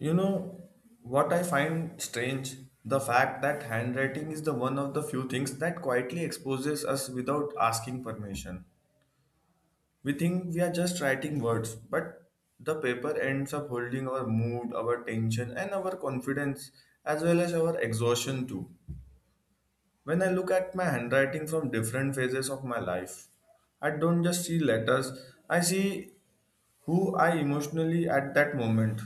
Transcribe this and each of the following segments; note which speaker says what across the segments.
Speaker 1: You know what I find strange? The fact that handwriting is the one of the few things that quietly exposes us without asking permission. We think we are just writing words, but the paper ends up holding our mood, our tension, and our confidence, as well as our exhaustion too. When I look at my handwriting from different phases of my life, I don't just see letters, I see who I emotionally at that moment.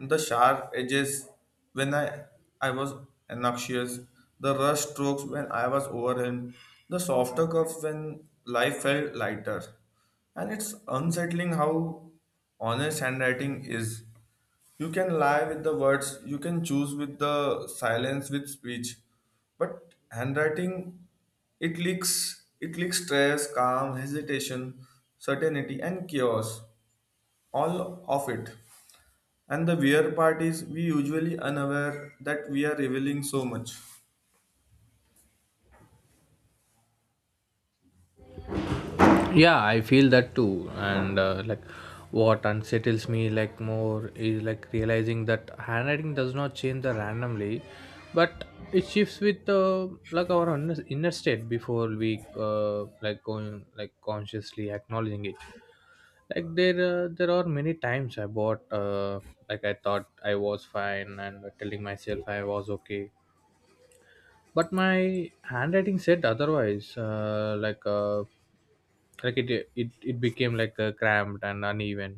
Speaker 1: The sharp edges when I was anxious, the rush strokes when I was overwhelmed, the softer curves when life felt lighter. And it's unsettling how honest handwriting is. You can lie with the words, you can choose with the silence with speech, but handwriting it leaks stress, calm, hesitation, certainty and chaos. All of it. And the weird part is we usually unaware that we are revealing so much.
Speaker 2: Yeah, I feel that too, and what unsettles me more is realizing that handwriting does not change the randomly, but it shifts with our inner state before we like going like consciously acknowledging it. There are many times I bought I thought I was fine and telling myself I was okay, but my handwriting said otherwise. Uh, like uh, like it, it it became cramped and uneven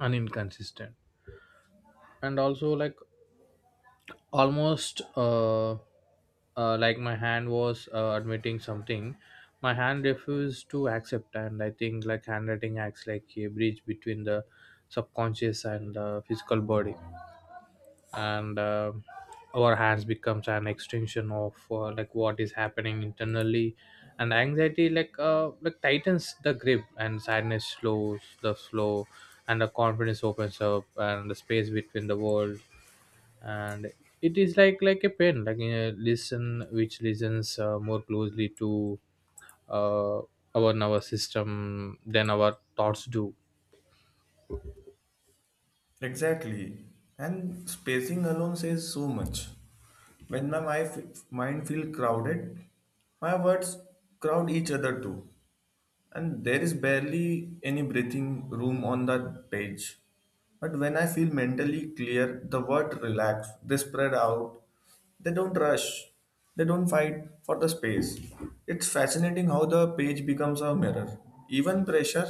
Speaker 2: and inconsistent, and also almost my hand was admitting something my hand refused to accept. And I think handwriting acts like a bridge between the subconscious and the physical body, and our hands becomes an extension of what is happening internally. And anxiety tightens the grip, and sadness slows the flow, and the confidence opens up and the space between the world. And it is like a pen, like a listen which listens more closely to uh, our nervous system than our thoughts do.
Speaker 1: Exactly. And spacing alone says so much. When my mind feel crowded, my words crowd each other too. And there is barely any breathing room on that page. But when I feel mentally clear, the word relax, they spread out, they don't rush, they don't fight for the space. It's fascinating how the page becomes a mirror. Even pressure,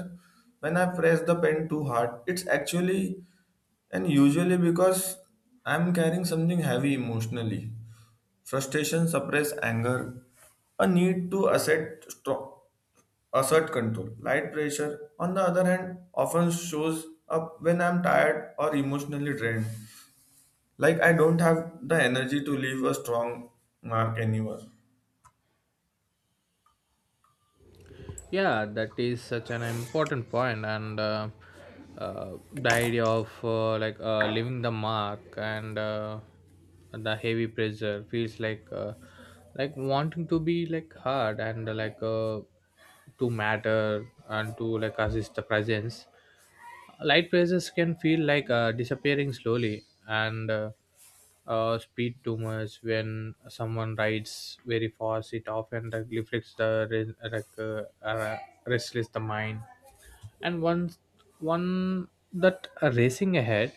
Speaker 1: when I press the pen too hard, it's actually and usually because I'm carrying something heavy emotionally. Frustration suppress anger, a need to assert strong assert control. Light pressure, on the other hand, often shows up when I'm tired or emotionally drained. Like I don't have the energy to leave a strong mark anywhere.
Speaker 2: Yeah, that is such an important point. And the idea of leaving the mark, and the heavy pressure feels like wanting to be hard and to matter and to assist the presence. Light races can feel like disappearing slowly. And speed, too much when someone rides very fast, it often reflects the restless the mind. And once one that are racing ahead,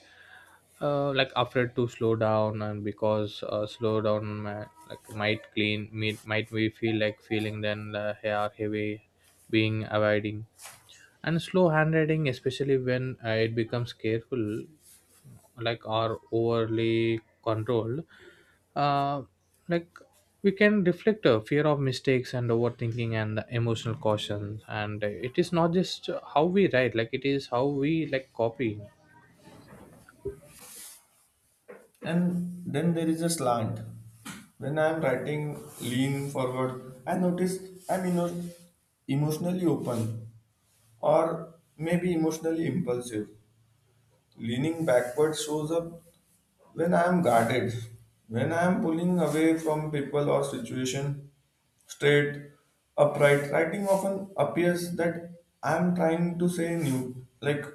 Speaker 2: like afraid to slow down, and because slow down like might clean, might we feel like feeling, then hair heavy, being avoiding. And slow handwriting, especially when it becomes careful or overly controlled, uh, like we can reflect a fear of mistakes and overthinking and the emotional caution. And it is not just how we write, it is how we copy.
Speaker 1: And then there is a slant. When I'm writing lean forward, I notice I'm emotionally open or maybe emotionally impulsive. Leaning backward shows up when I am guarded, when I am pulling away from people or situation, straight, upright, writing often appears that I am trying to say new, like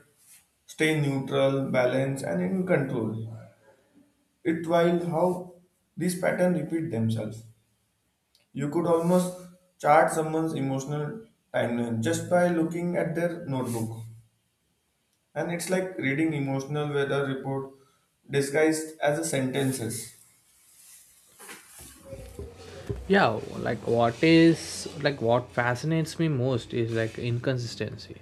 Speaker 1: stay neutral, balanced, and in control. It while how these patterns repeat themselves. You could almost chart someone's emotional timeline just by looking at their notebook. And it's like reading emotional weather report disguised as a sentences.
Speaker 2: Yeah, what fascinates me most is inconsistency.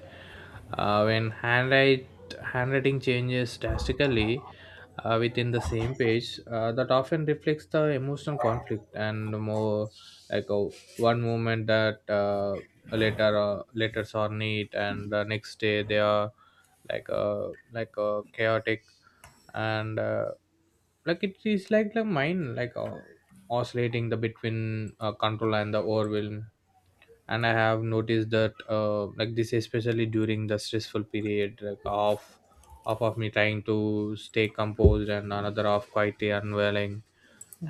Speaker 2: When handwrite handwriting changes drastically within the same page, that often reflects the emotional conflict. And more like uh, one moment that a letter letters are neat, and the next day they are chaotic. And it is like the mind oscillating the between control and the overwhelm. And I have noticed that this especially during the stressful period, of me trying to stay composed, and another of quite unwelling.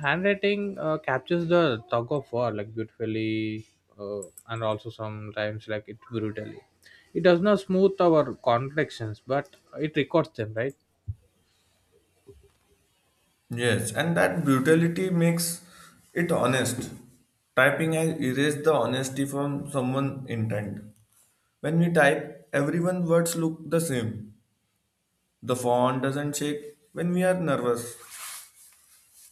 Speaker 2: Handwriting captures the tug of war beautifully, and also sometimes it brutally. It does not smooth our contradictions, but it records them, right?
Speaker 1: Yes, and that brutality makes it honest. Typing has erased the honesty from someone's intent. When we type, everyone's words look the same. The font doesn't shake when we are nervous.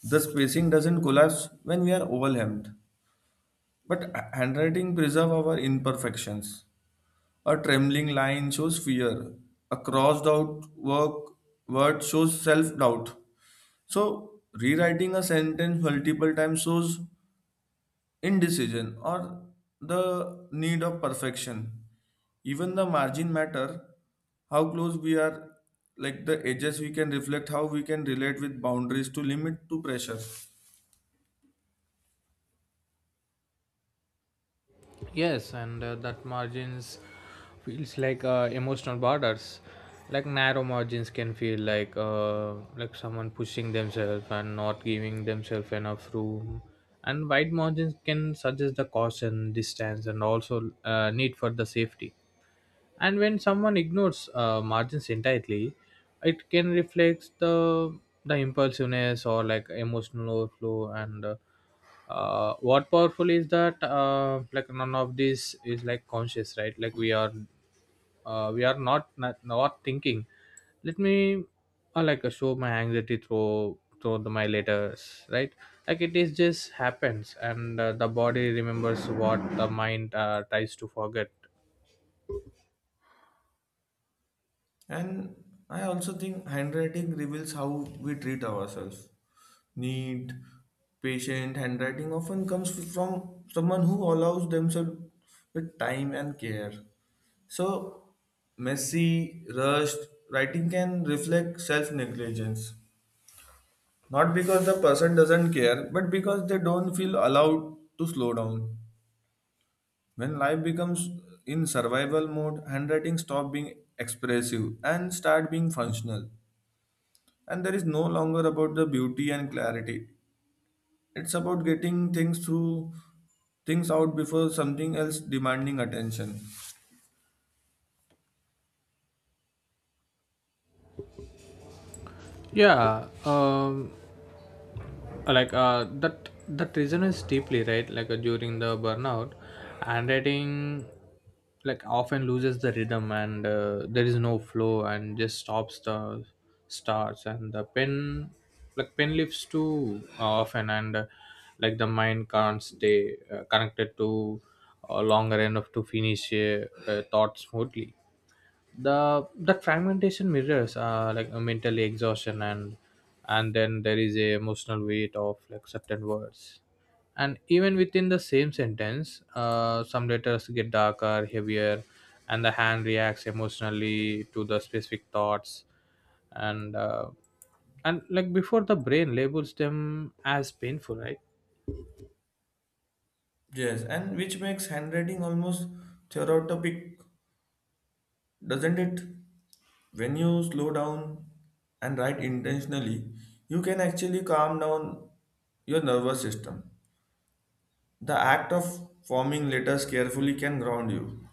Speaker 1: The spacing doesn't collapse when we are overwhelmed. But handwriting preserves our imperfections. A trembling line shows fear. A crossed out work word shows self doubt. So, rewriting a sentence multiple times shows indecision or the need of perfection, even the margin matter, how close we are, like the edges we can reflect how we can relate with boundaries to limit to pressure.
Speaker 2: Yes, and that margins feels like emotional borders. Like narrow margins can feel like someone pushing themselves and not giving themselves enough room. And wide margins can suggest the caution, distance, and also need for the safety. And when someone ignores margins entirely, it can reflect the impulsiveness or emotional overflow. And what powerful is that none of this is conscious, right? Like we are not thinking, let me show my anxiety through my letters, right? It is just happens. And the body remembers what the mind tries to forget.
Speaker 1: And I also think handwriting reveals how we treat ourselves. Neat, patient handwriting often comes from someone who allows themselves with time and care. So, messy, rushed writing can reflect self negligence. Not because the person doesn't care, but because they don't feel allowed to slow down. When life becomes in survival mode, handwriting stop being expressive and start being functional. And there is no longer about the beauty and clarity, it's about getting things through, things out before something else demanding attention.
Speaker 2: Yeah. That that resonates deeply, right? During the burnout, handwriting often loses the rhythm, and there is no flow, and just stops the starts. And the pen, pen lifts too often. And the mind can't stay connected to longer enough to finish a thought smoothly. The That fragmentation mirrors a mental exhaustion. And then there is a emotional weight of certain words, and even within the same sentence, some letters get darker, heavier. And the hand reacts emotionally to the specific thoughts, and like before the brain labels them as painful, right?
Speaker 1: Yes, and which makes handwriting almost therapeutic, doesn't it? When you slow down and write intentionally, you can actually calm down your nervous system. The act of forming letters carefully can ground you.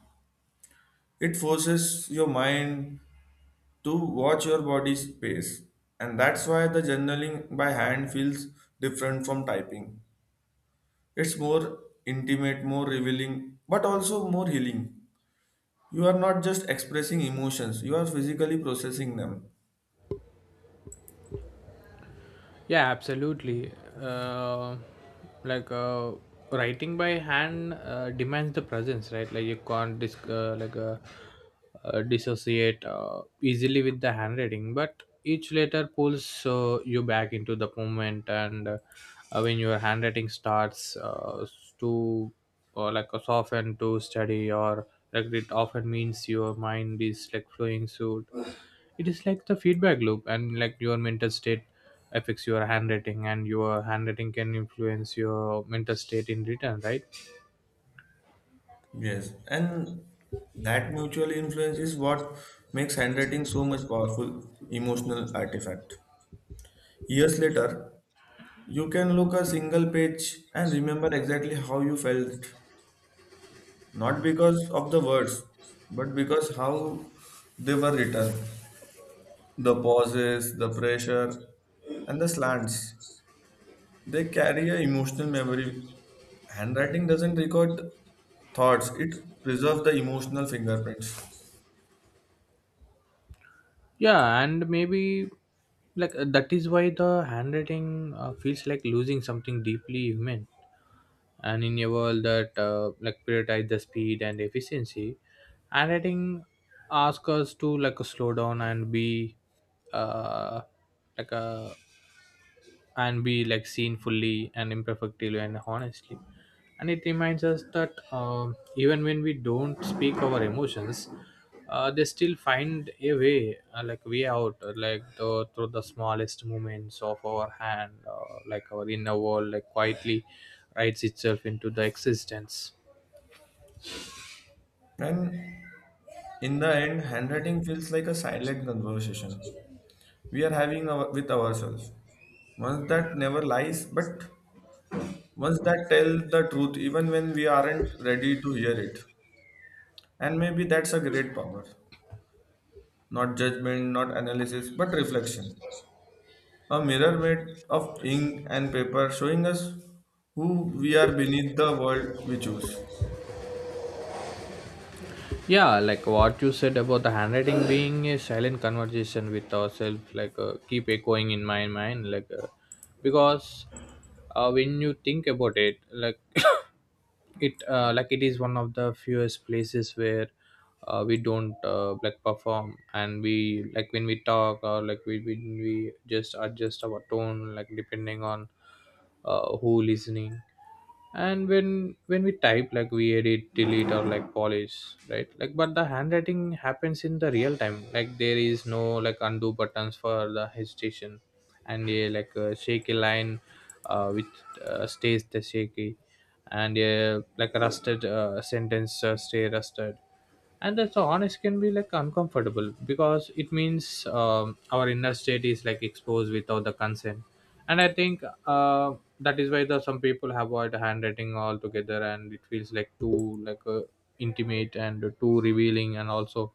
Speaker 1: It forces your mind to watch your body's pace. And that's why the journaling by hand feels different from typing. It's more intimate, more revealing, but also more healing. You are not just expressing emotions, you are physically processing them.
Speaker 2: Yeah, absolutely. uh, like uh, Writing by hand demands the presence, right? Like you can't dissociate easily with the handwriting, but each letter pulls you back into the moment. And when your handwriting starts to like soften to study, or it often means your mind is flowing. So it is like the feedback loop, and your mental state affects your handwriting, and your handwriting can influence your mental state in return, right?
Speaker 1: Yes, and that mutual influence is what makes handwriting so much powerful emotional artifact. Years later, you can look a single page and remember exactly how you felt not because of the words, but because how they were written. The pauses, the pressure, and the slants. They carry a emotional memory. Handwriting doesn't record thoughts, it preserves the emotional fingerprints.
Speaker 2: Yeah. And maybe that is why the handwriting feels like losing something deeply human. And in a world that prioritize the speed and efficiency, handwriting asks us to slow down and be uh, like a and be seen fully and imperfectly and honestly. And it reminds us that, even when we don't speak our emotions, they still find a way, way out, through the smallest movements of our hand. Our inner world quietly writes itself into the existence.
Speaker 1: And in the end, handwriting feels like a silent conversation we are having our, with ourselves. Once that never lies, but once that tells the truth, even when we aren't ready to hear it. And maybe that's a great power. Not judgment, not analysis, but reflection. A mirror made of ink and paper showing us who we are beneath the world we choose.
Speaker 2: Yeah, what you said about the handwriting being a silent conversation with ourselves, keep echoing in my mind. Because when you think about it, it is one of the fewest places where we don't perform. And we when we talk, or like we when we just adjust our tone, depending on who listening. And when we type, we edit, delete, or polish, right? But the handwriting happens in the real time. There is no undo buttons for the hesitation. And a a shaky line which stays the shaky, and a a rusted sentence stay rusted. And that's so honest, can be uncomfortable, because it means, our inner state is exposed without the consent. And I think uh, that is why the some people avoid handwriting altogether, and it feels like too like intimate and too revealing, and also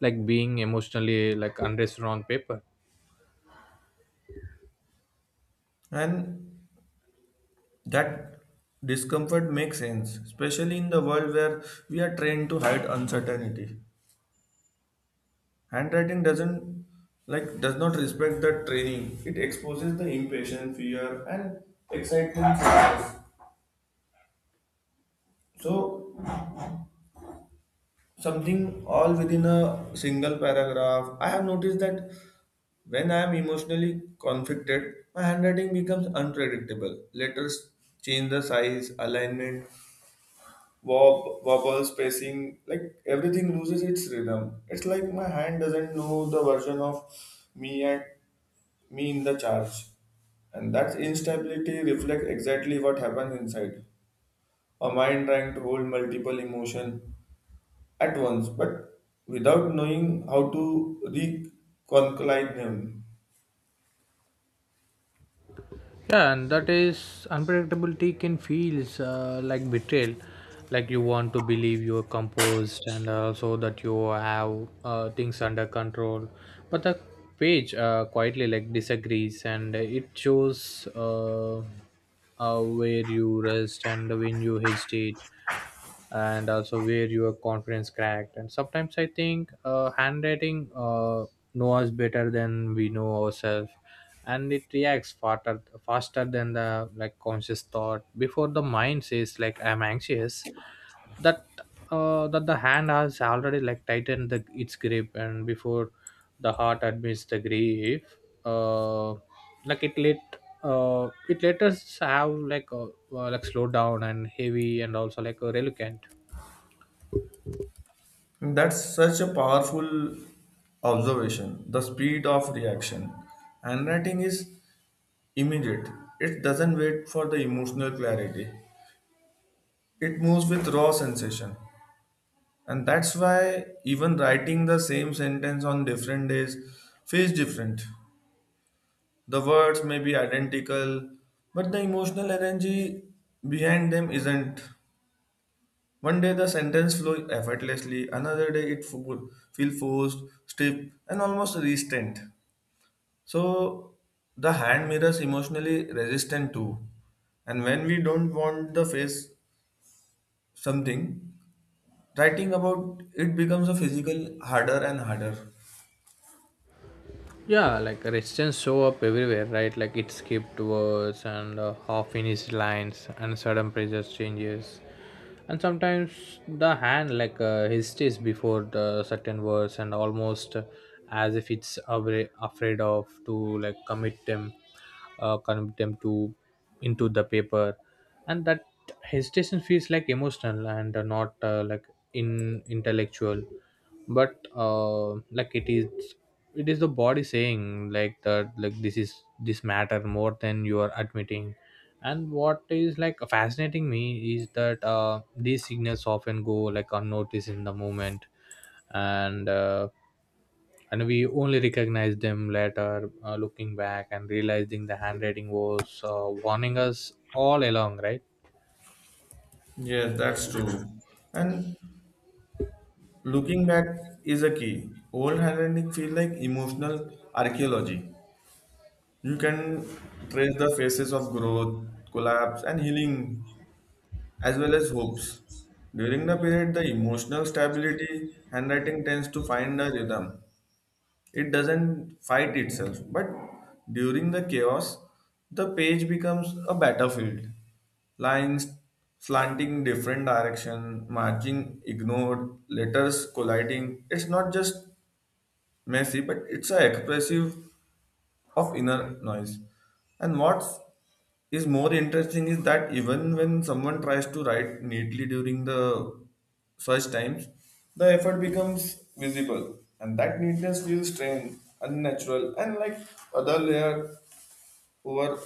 Speaker 2: being emotionally unrest on paper.
Speaker 1: And that discomfort makes sense, especially in the world where we are trained to hide uncertainty. Handwriting doesn't does not respect the training. It exposes the impatience, fear, and excitement. So something all within a single paragraph. I have noticed that when I am emotionally conflicted, my handwriting becomes unpredictable. Letters change the size, alignment, wobble, spacing, like everything loses its rhythm. It's like my hand doesn't know the version of me and me in the charge. And that instability reflects exactly what happens inside. A mind trying to hold multiple emotion at once, but without knowing how to reconcile them.
Speaker 2: Yeah, and that is unpredictability can feel like betrayal. Like you want to believe you're composed, and also that you have things under control, but the page quietly disagrees, and it shows where you rest and when you hesitate, and also where your confidence cracked. And sometimes I think handwriting know us better than we know ourselves. And it reacts faster than the conscious thought. Before the mind says I'm anxious, that that the hand has already tightened its grip. And before the heart admits the grief, uh, like it let it let us have slow down and heavy, and also a reluctant.
Speaker 1: That's such a powerful observation. The speed of reaction. Handwriting is immediate. It doesn't wait for the emotional clarity. It moves with raw sensation. And that's why even writing the same sentence on different days feels different. The words may be identical, but the emotional energy behind them isn't. One day the sentence flows effortlessly, another day it feel forced, stiff, and almost restrained. So the hand mirrors emotionally resistant too. And when we don't want the face something, writing about it becomes a physical harder and harder.
Speaker 2: Yeah, resistance show up everywhere, right? It skipped words, and half finished lines and sudden pressure changes. And sometimes the hand hesitates before the certain words, and almost as if it's afraid of to commit them, commit them to into the paper. And that hesitation feels like emotional, and not in intellectual, but like it is it is the body saying like that like this is this matter more than you are admitting. And what is fascinating me is that these signals often go unnoticed in the moment. And we only recognize them later, looking back and realizing the handwriting was warning us all along, right?
Speaker 1: Yes, that's true. And looking back is a key. Old handwriting feel like emotional archaeology. You can trace the phases of growth, collapse, and healing as well as hopes. During the period, the emotional stability handwriting tends to find a rhythm. It doesn't fight itself, but during the chaos, the page becomes a battlefield. Lines slanting different direction, marking ignored, letters colliding. It's not just messy, but it's a expressive of inner noise. And what's is more interesting is that even when someone tries to write neatly during the search times, the effort becomes visible, and that neatness feels strained, unnatural, and like other layer over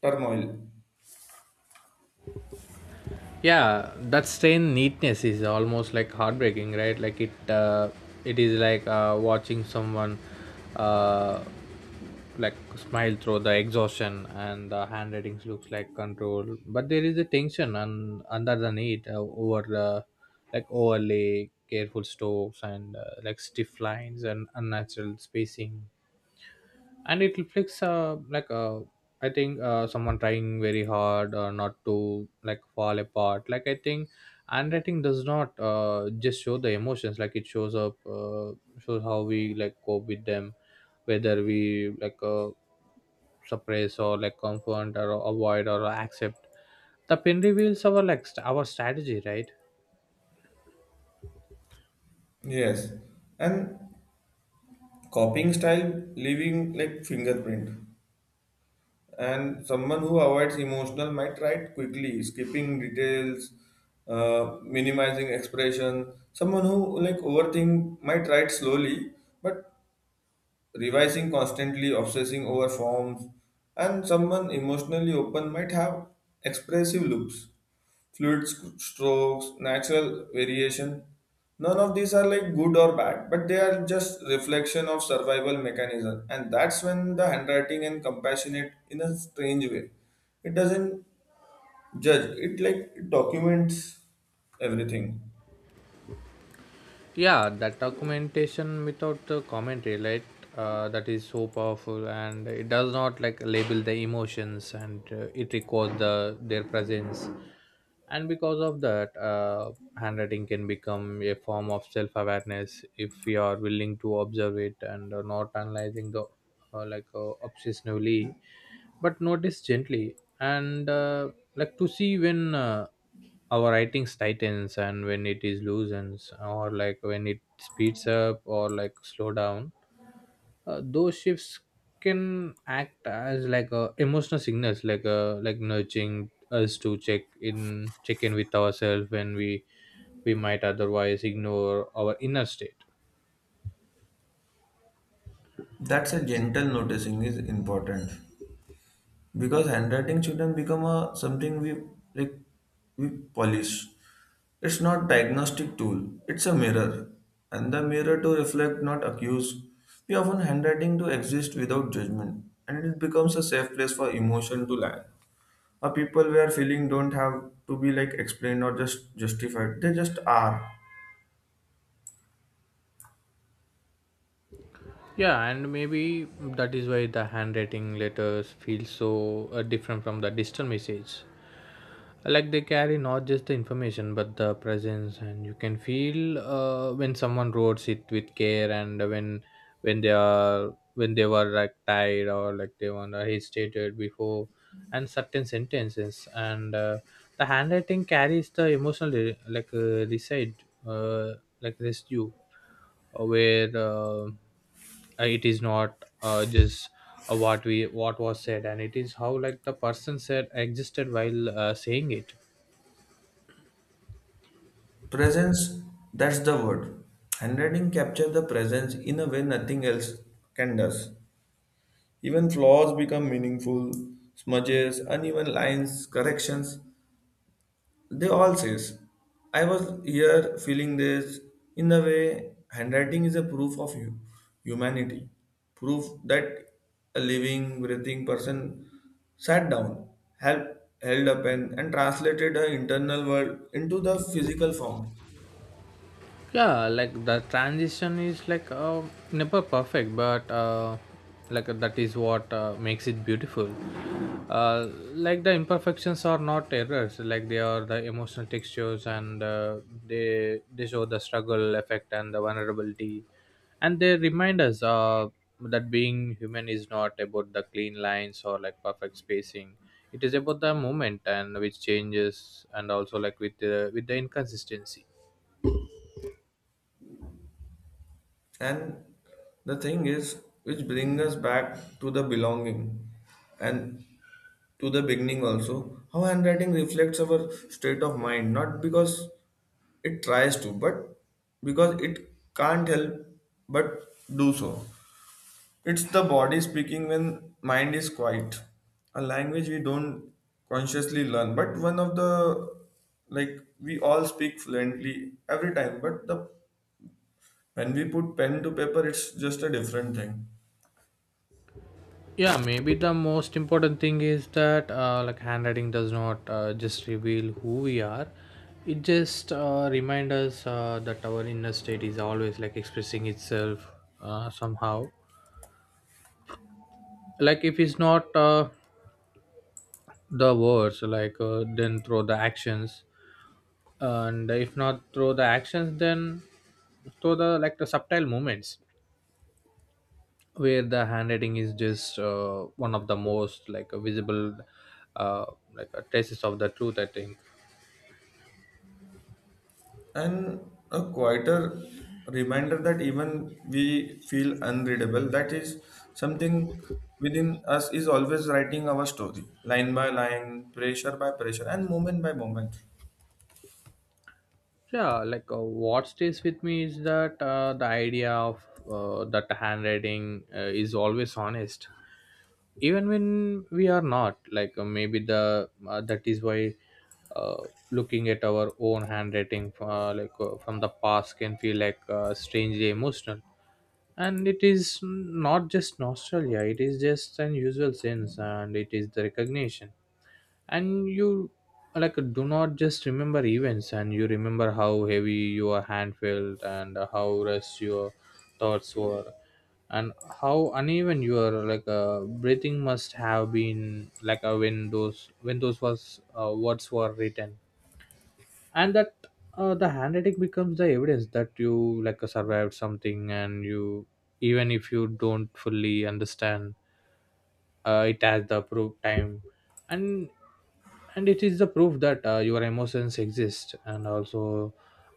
Speaker 1: turmoil.
Speaker 2: Yeah, that strain neatness is almost like heartbreaking, right? It is like watching someone uh, smile through the exhaustion. And the handwritings looks like control, but there is a tension, and under the need overlay careful strokes, and stiff lines and unnatural spacing. And it reflects I think someone trying very hard not to fall apart. I think handwriting does not just show the emotions, it shows up, shows how we cope with them, whether we suppress or confront or avoid or accept. The pin reveals our our strategy, right?
Speaker 1: Yes, and copying style leaving like fingerprint. And someone who avoids emotional might write quickly, skipping details, minimizing expression. Someone who like overthink might write slowly, but revising constantly, obsessing over forms, and someone emotionally open might have expressive looks, fluid strokes, natural variation. None of these are like good or bad, but they are just reflection of survival mechanism, and that's when the handwriting and compassionate in a strange way. It doesn't judge. It like it documents everything.
Speaker 2: Yeah, that documentation without the commentary, right? That is so powerful, and it does not label the emotions, and it records their presence. And because of that, handwriting can become a form of self-awareness if we are willing to observe it, and not analyzing the obsessively, but notice gently. And to see when our writings tightens, and when it is loosens, or when it speeds up or slow down, those shifts Can act as emotional signals like nudging us to check in with ourselves when we might otherwise ignore our inner state.
Speaker 1: That's a gentle noticing is important. Because handwriting shouldn't become a something we like we polish. It's not diagnostic tool, it's a mirror, and the mirror to reflect not accuse. We often handwriting to exist without judgment and it becomes a safe place for emotion to land, a people where feeling don't have to be like explained or just justified, they just are.
Speaker 2: Yeah, and maybe that is why the handwriting letters feel so different from the digital message. Like they carry not just the information but the presence, and you can feel when someone wrote it with care, and when they were like tired or like they were hesitated before, and certain sentences, and the handwriting carries the emotional re- like reside uh, like residue. Where. It is not just what was said, and it is how like the person said existed while saying it.
Speaker 1: Presence, that's the word. Handwriting captures the presence in a way nothing else can does. Even flaws become meaningful, smudges, uneven lines, corrections, they all says. I was here feeling this. In the way, handwriting is a proof of you, humanity, proof that a living, breathing person sat down, held, held a pen, and translated her internal world into the physical form.
Speaker 2: Yeah, like the transition is never perfect but like that is what makes it beautiful. uh, like the imperfections are not errors, like they are the emotional textures, and they show the struggle effect and the vulnerability, and they remind us that being human is not about the clean lines or like perfect spacing. It is about the moment and which changes, and also like with the inconsistency.
Speaker 1: And the thing is, which brings us back to the belonging. And to the beginning also, how handwriting reflects our state of mind not because it tries to but because it can't help but do so. It's the body speaking when mind is quiet, a language we don't consciously learn but one of the like we all speak fluently every time but the when we put pen to paper it's just a different thing.
Speaker 2: Yeah, maybe the most important thing is that like handwriting does not just reveal who we are. It just reminds us that our inner state is always like expressing itself somehow. Like if it's not the words, then through the actions, and if not through the actions, then through the like the subtle movements, where the handwriting is just one of the most like visible uh, traces of the truth, I think.
Speaker 1: And a quieter reminder that even we feel unreadable, that is something within us is always writing our story line by line, pressure by pressure, and moment by moment.
Speaker 2: Yeah, what stays with me is that the idea of that handwriting is always honest even when we are not, maybe the that is why looking at our own handwriting from the past can feel strangely emotional. And it is not just nostalgia, it is just an usual sense, and it is the recognition. And you like do not just remember events, and you remember how heavy your hand felt, and how rushed your thoughts were, and how uneven your breathing must have been when those was words were written. And that the handwriting becomes the evidence that you like survived something. And you, even if you don't fully understand, it has the approved time. and and it is the proof that your emotions exist, and also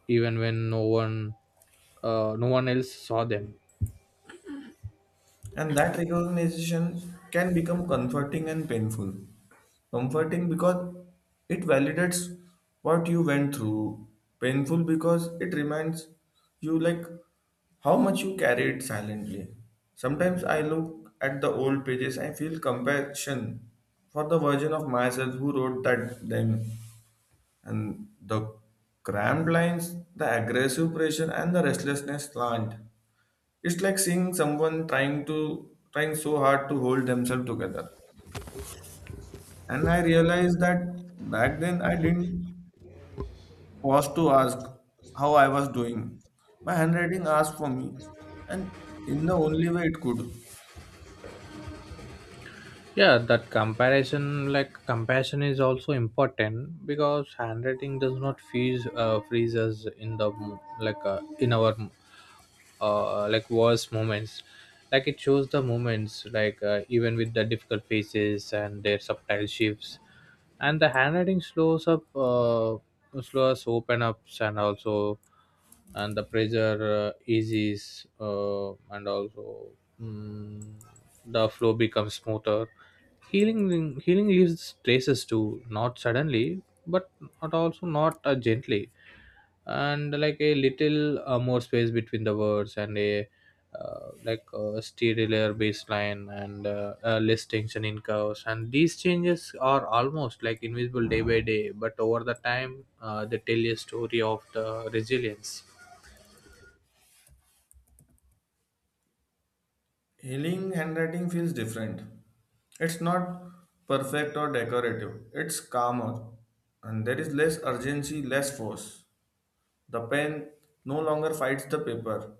Speaker 2: even when no one else saw them.
Speaker 1: And that recognition can become comforting and painful. Comforting because it validates what you went through. Painful because it reminds you like how much you carried silently. Sometimes I look at the old pages and feel compassion for the version of myself who wrote that then, and the cramped lines, the aggressive pressure and the restlessness slant. It's like seeing someone trying so hard to hold themselves together. And I realized that back then I didn't pause to ask how I was doing. My handwriting asked for me, and in the only way it could.
Speaker 2: Yeah, that comparison like compassion is also important, because handwriting does not freeze us in the mo- like in our like worst moments. Like it shows the moments, even with the difficult faces and their subtle shifts. And the handwriting slows open ups, and also, and the pressure eases, and also, mm, the flow becomes smoother. Healing leaves traces too, not suddenly, but not also not gently. And like a little more space between the words, and a, like a stereo baseline, and less tension in curves. And these changes are almost like invisible day by day, but over the time they tell a story of the resilience.
Speaker 1: Healing handwriting feels different. It's not perfect or decorative. It's calmer, and there is less urgency, less force. The pen no longer fights the paper.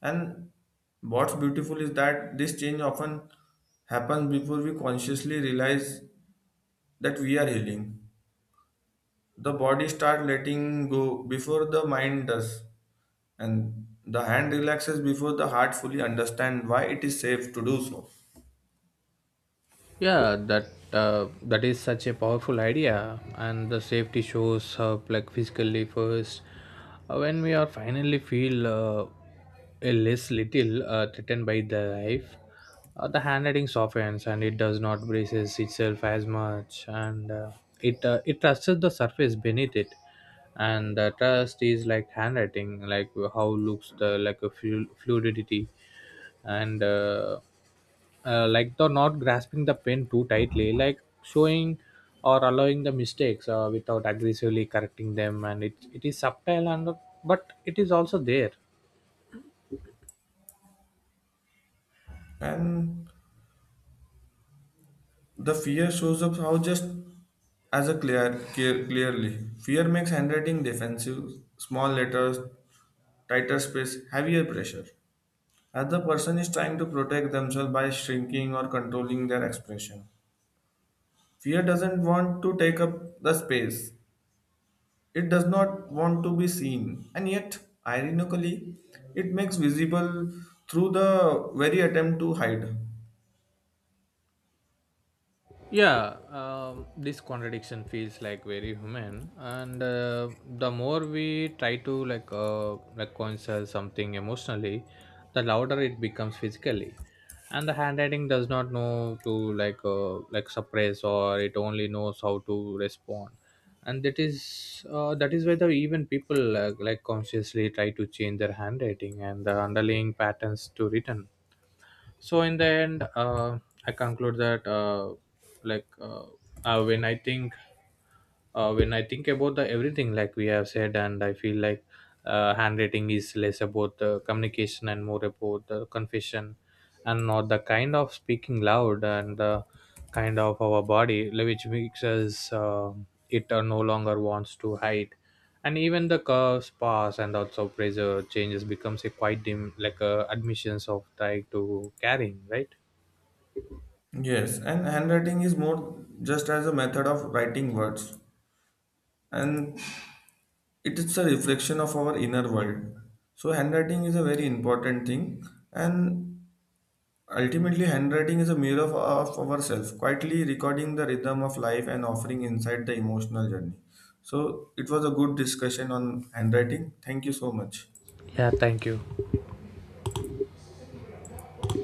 Speaker 1: And what's beautiful is that this change often happens before we consciously realize that we are healing. The body starts letting go before the mind does, and the hand relaxes before the heart fully understands why it is safe to do so.
Speaker 2: Yeah, that that is such a powerful idea, and the safety shows up like physically first. When we are finally feel a less little threatened by the life, the handwriting softens, and it does not braces itself as much, and it trusts the surface beneath it. And the trust is like handwriting, like how looks the like a fluidity, and. Like the not grasping the pen too tightly like showing, or allowing the mistakes without aggressively correcting them. And it is subtle, and but it is also there.
Speaker 1: And the fear shows up how just as a clear, clearly. Fear makes handwriting defensive, small letters, tighter space, heavier pressure. As the person is trying to protect themselves by shrinking or controlling their expression. Fear doesn't want to take up the space. It does not want to be seen. And yet, ironically, it makes visible through the very attempt to hide.
Speaker 2: Yeah, this contradiction feels like very human, and the more we try to reconcile something emotionally, the louder it becomes physically. And the handwriting does not know to like suppress, or it only knows how to respond. And that is why the even people like consciously try to change their handwriting, and the underlying patterns to return. So in the end, I conclude that like uh, uh, when i think when I think about the everything like we have said, and I feel like handwriting is less about the communication and more about the confession. And not the kind of speaking loud, and the kind of our body like, which makes us it no longer wants to hide. And even the curves pass, and also pressure changes becomes a quite dim like a admissions of trying to carrying right.
Speaker 1: Yes, and handwriting is more just as a method of writing words. And it is a reflection of our inner world, so handwriting is a very important thing. And ultimately handwriting is a mirror of ourselves, quietly recording the rhythm of life and offering inside the emotional journey. So it was a good discussion on handwriting, thank you so much.
Speaker 2: Yeah, thank you.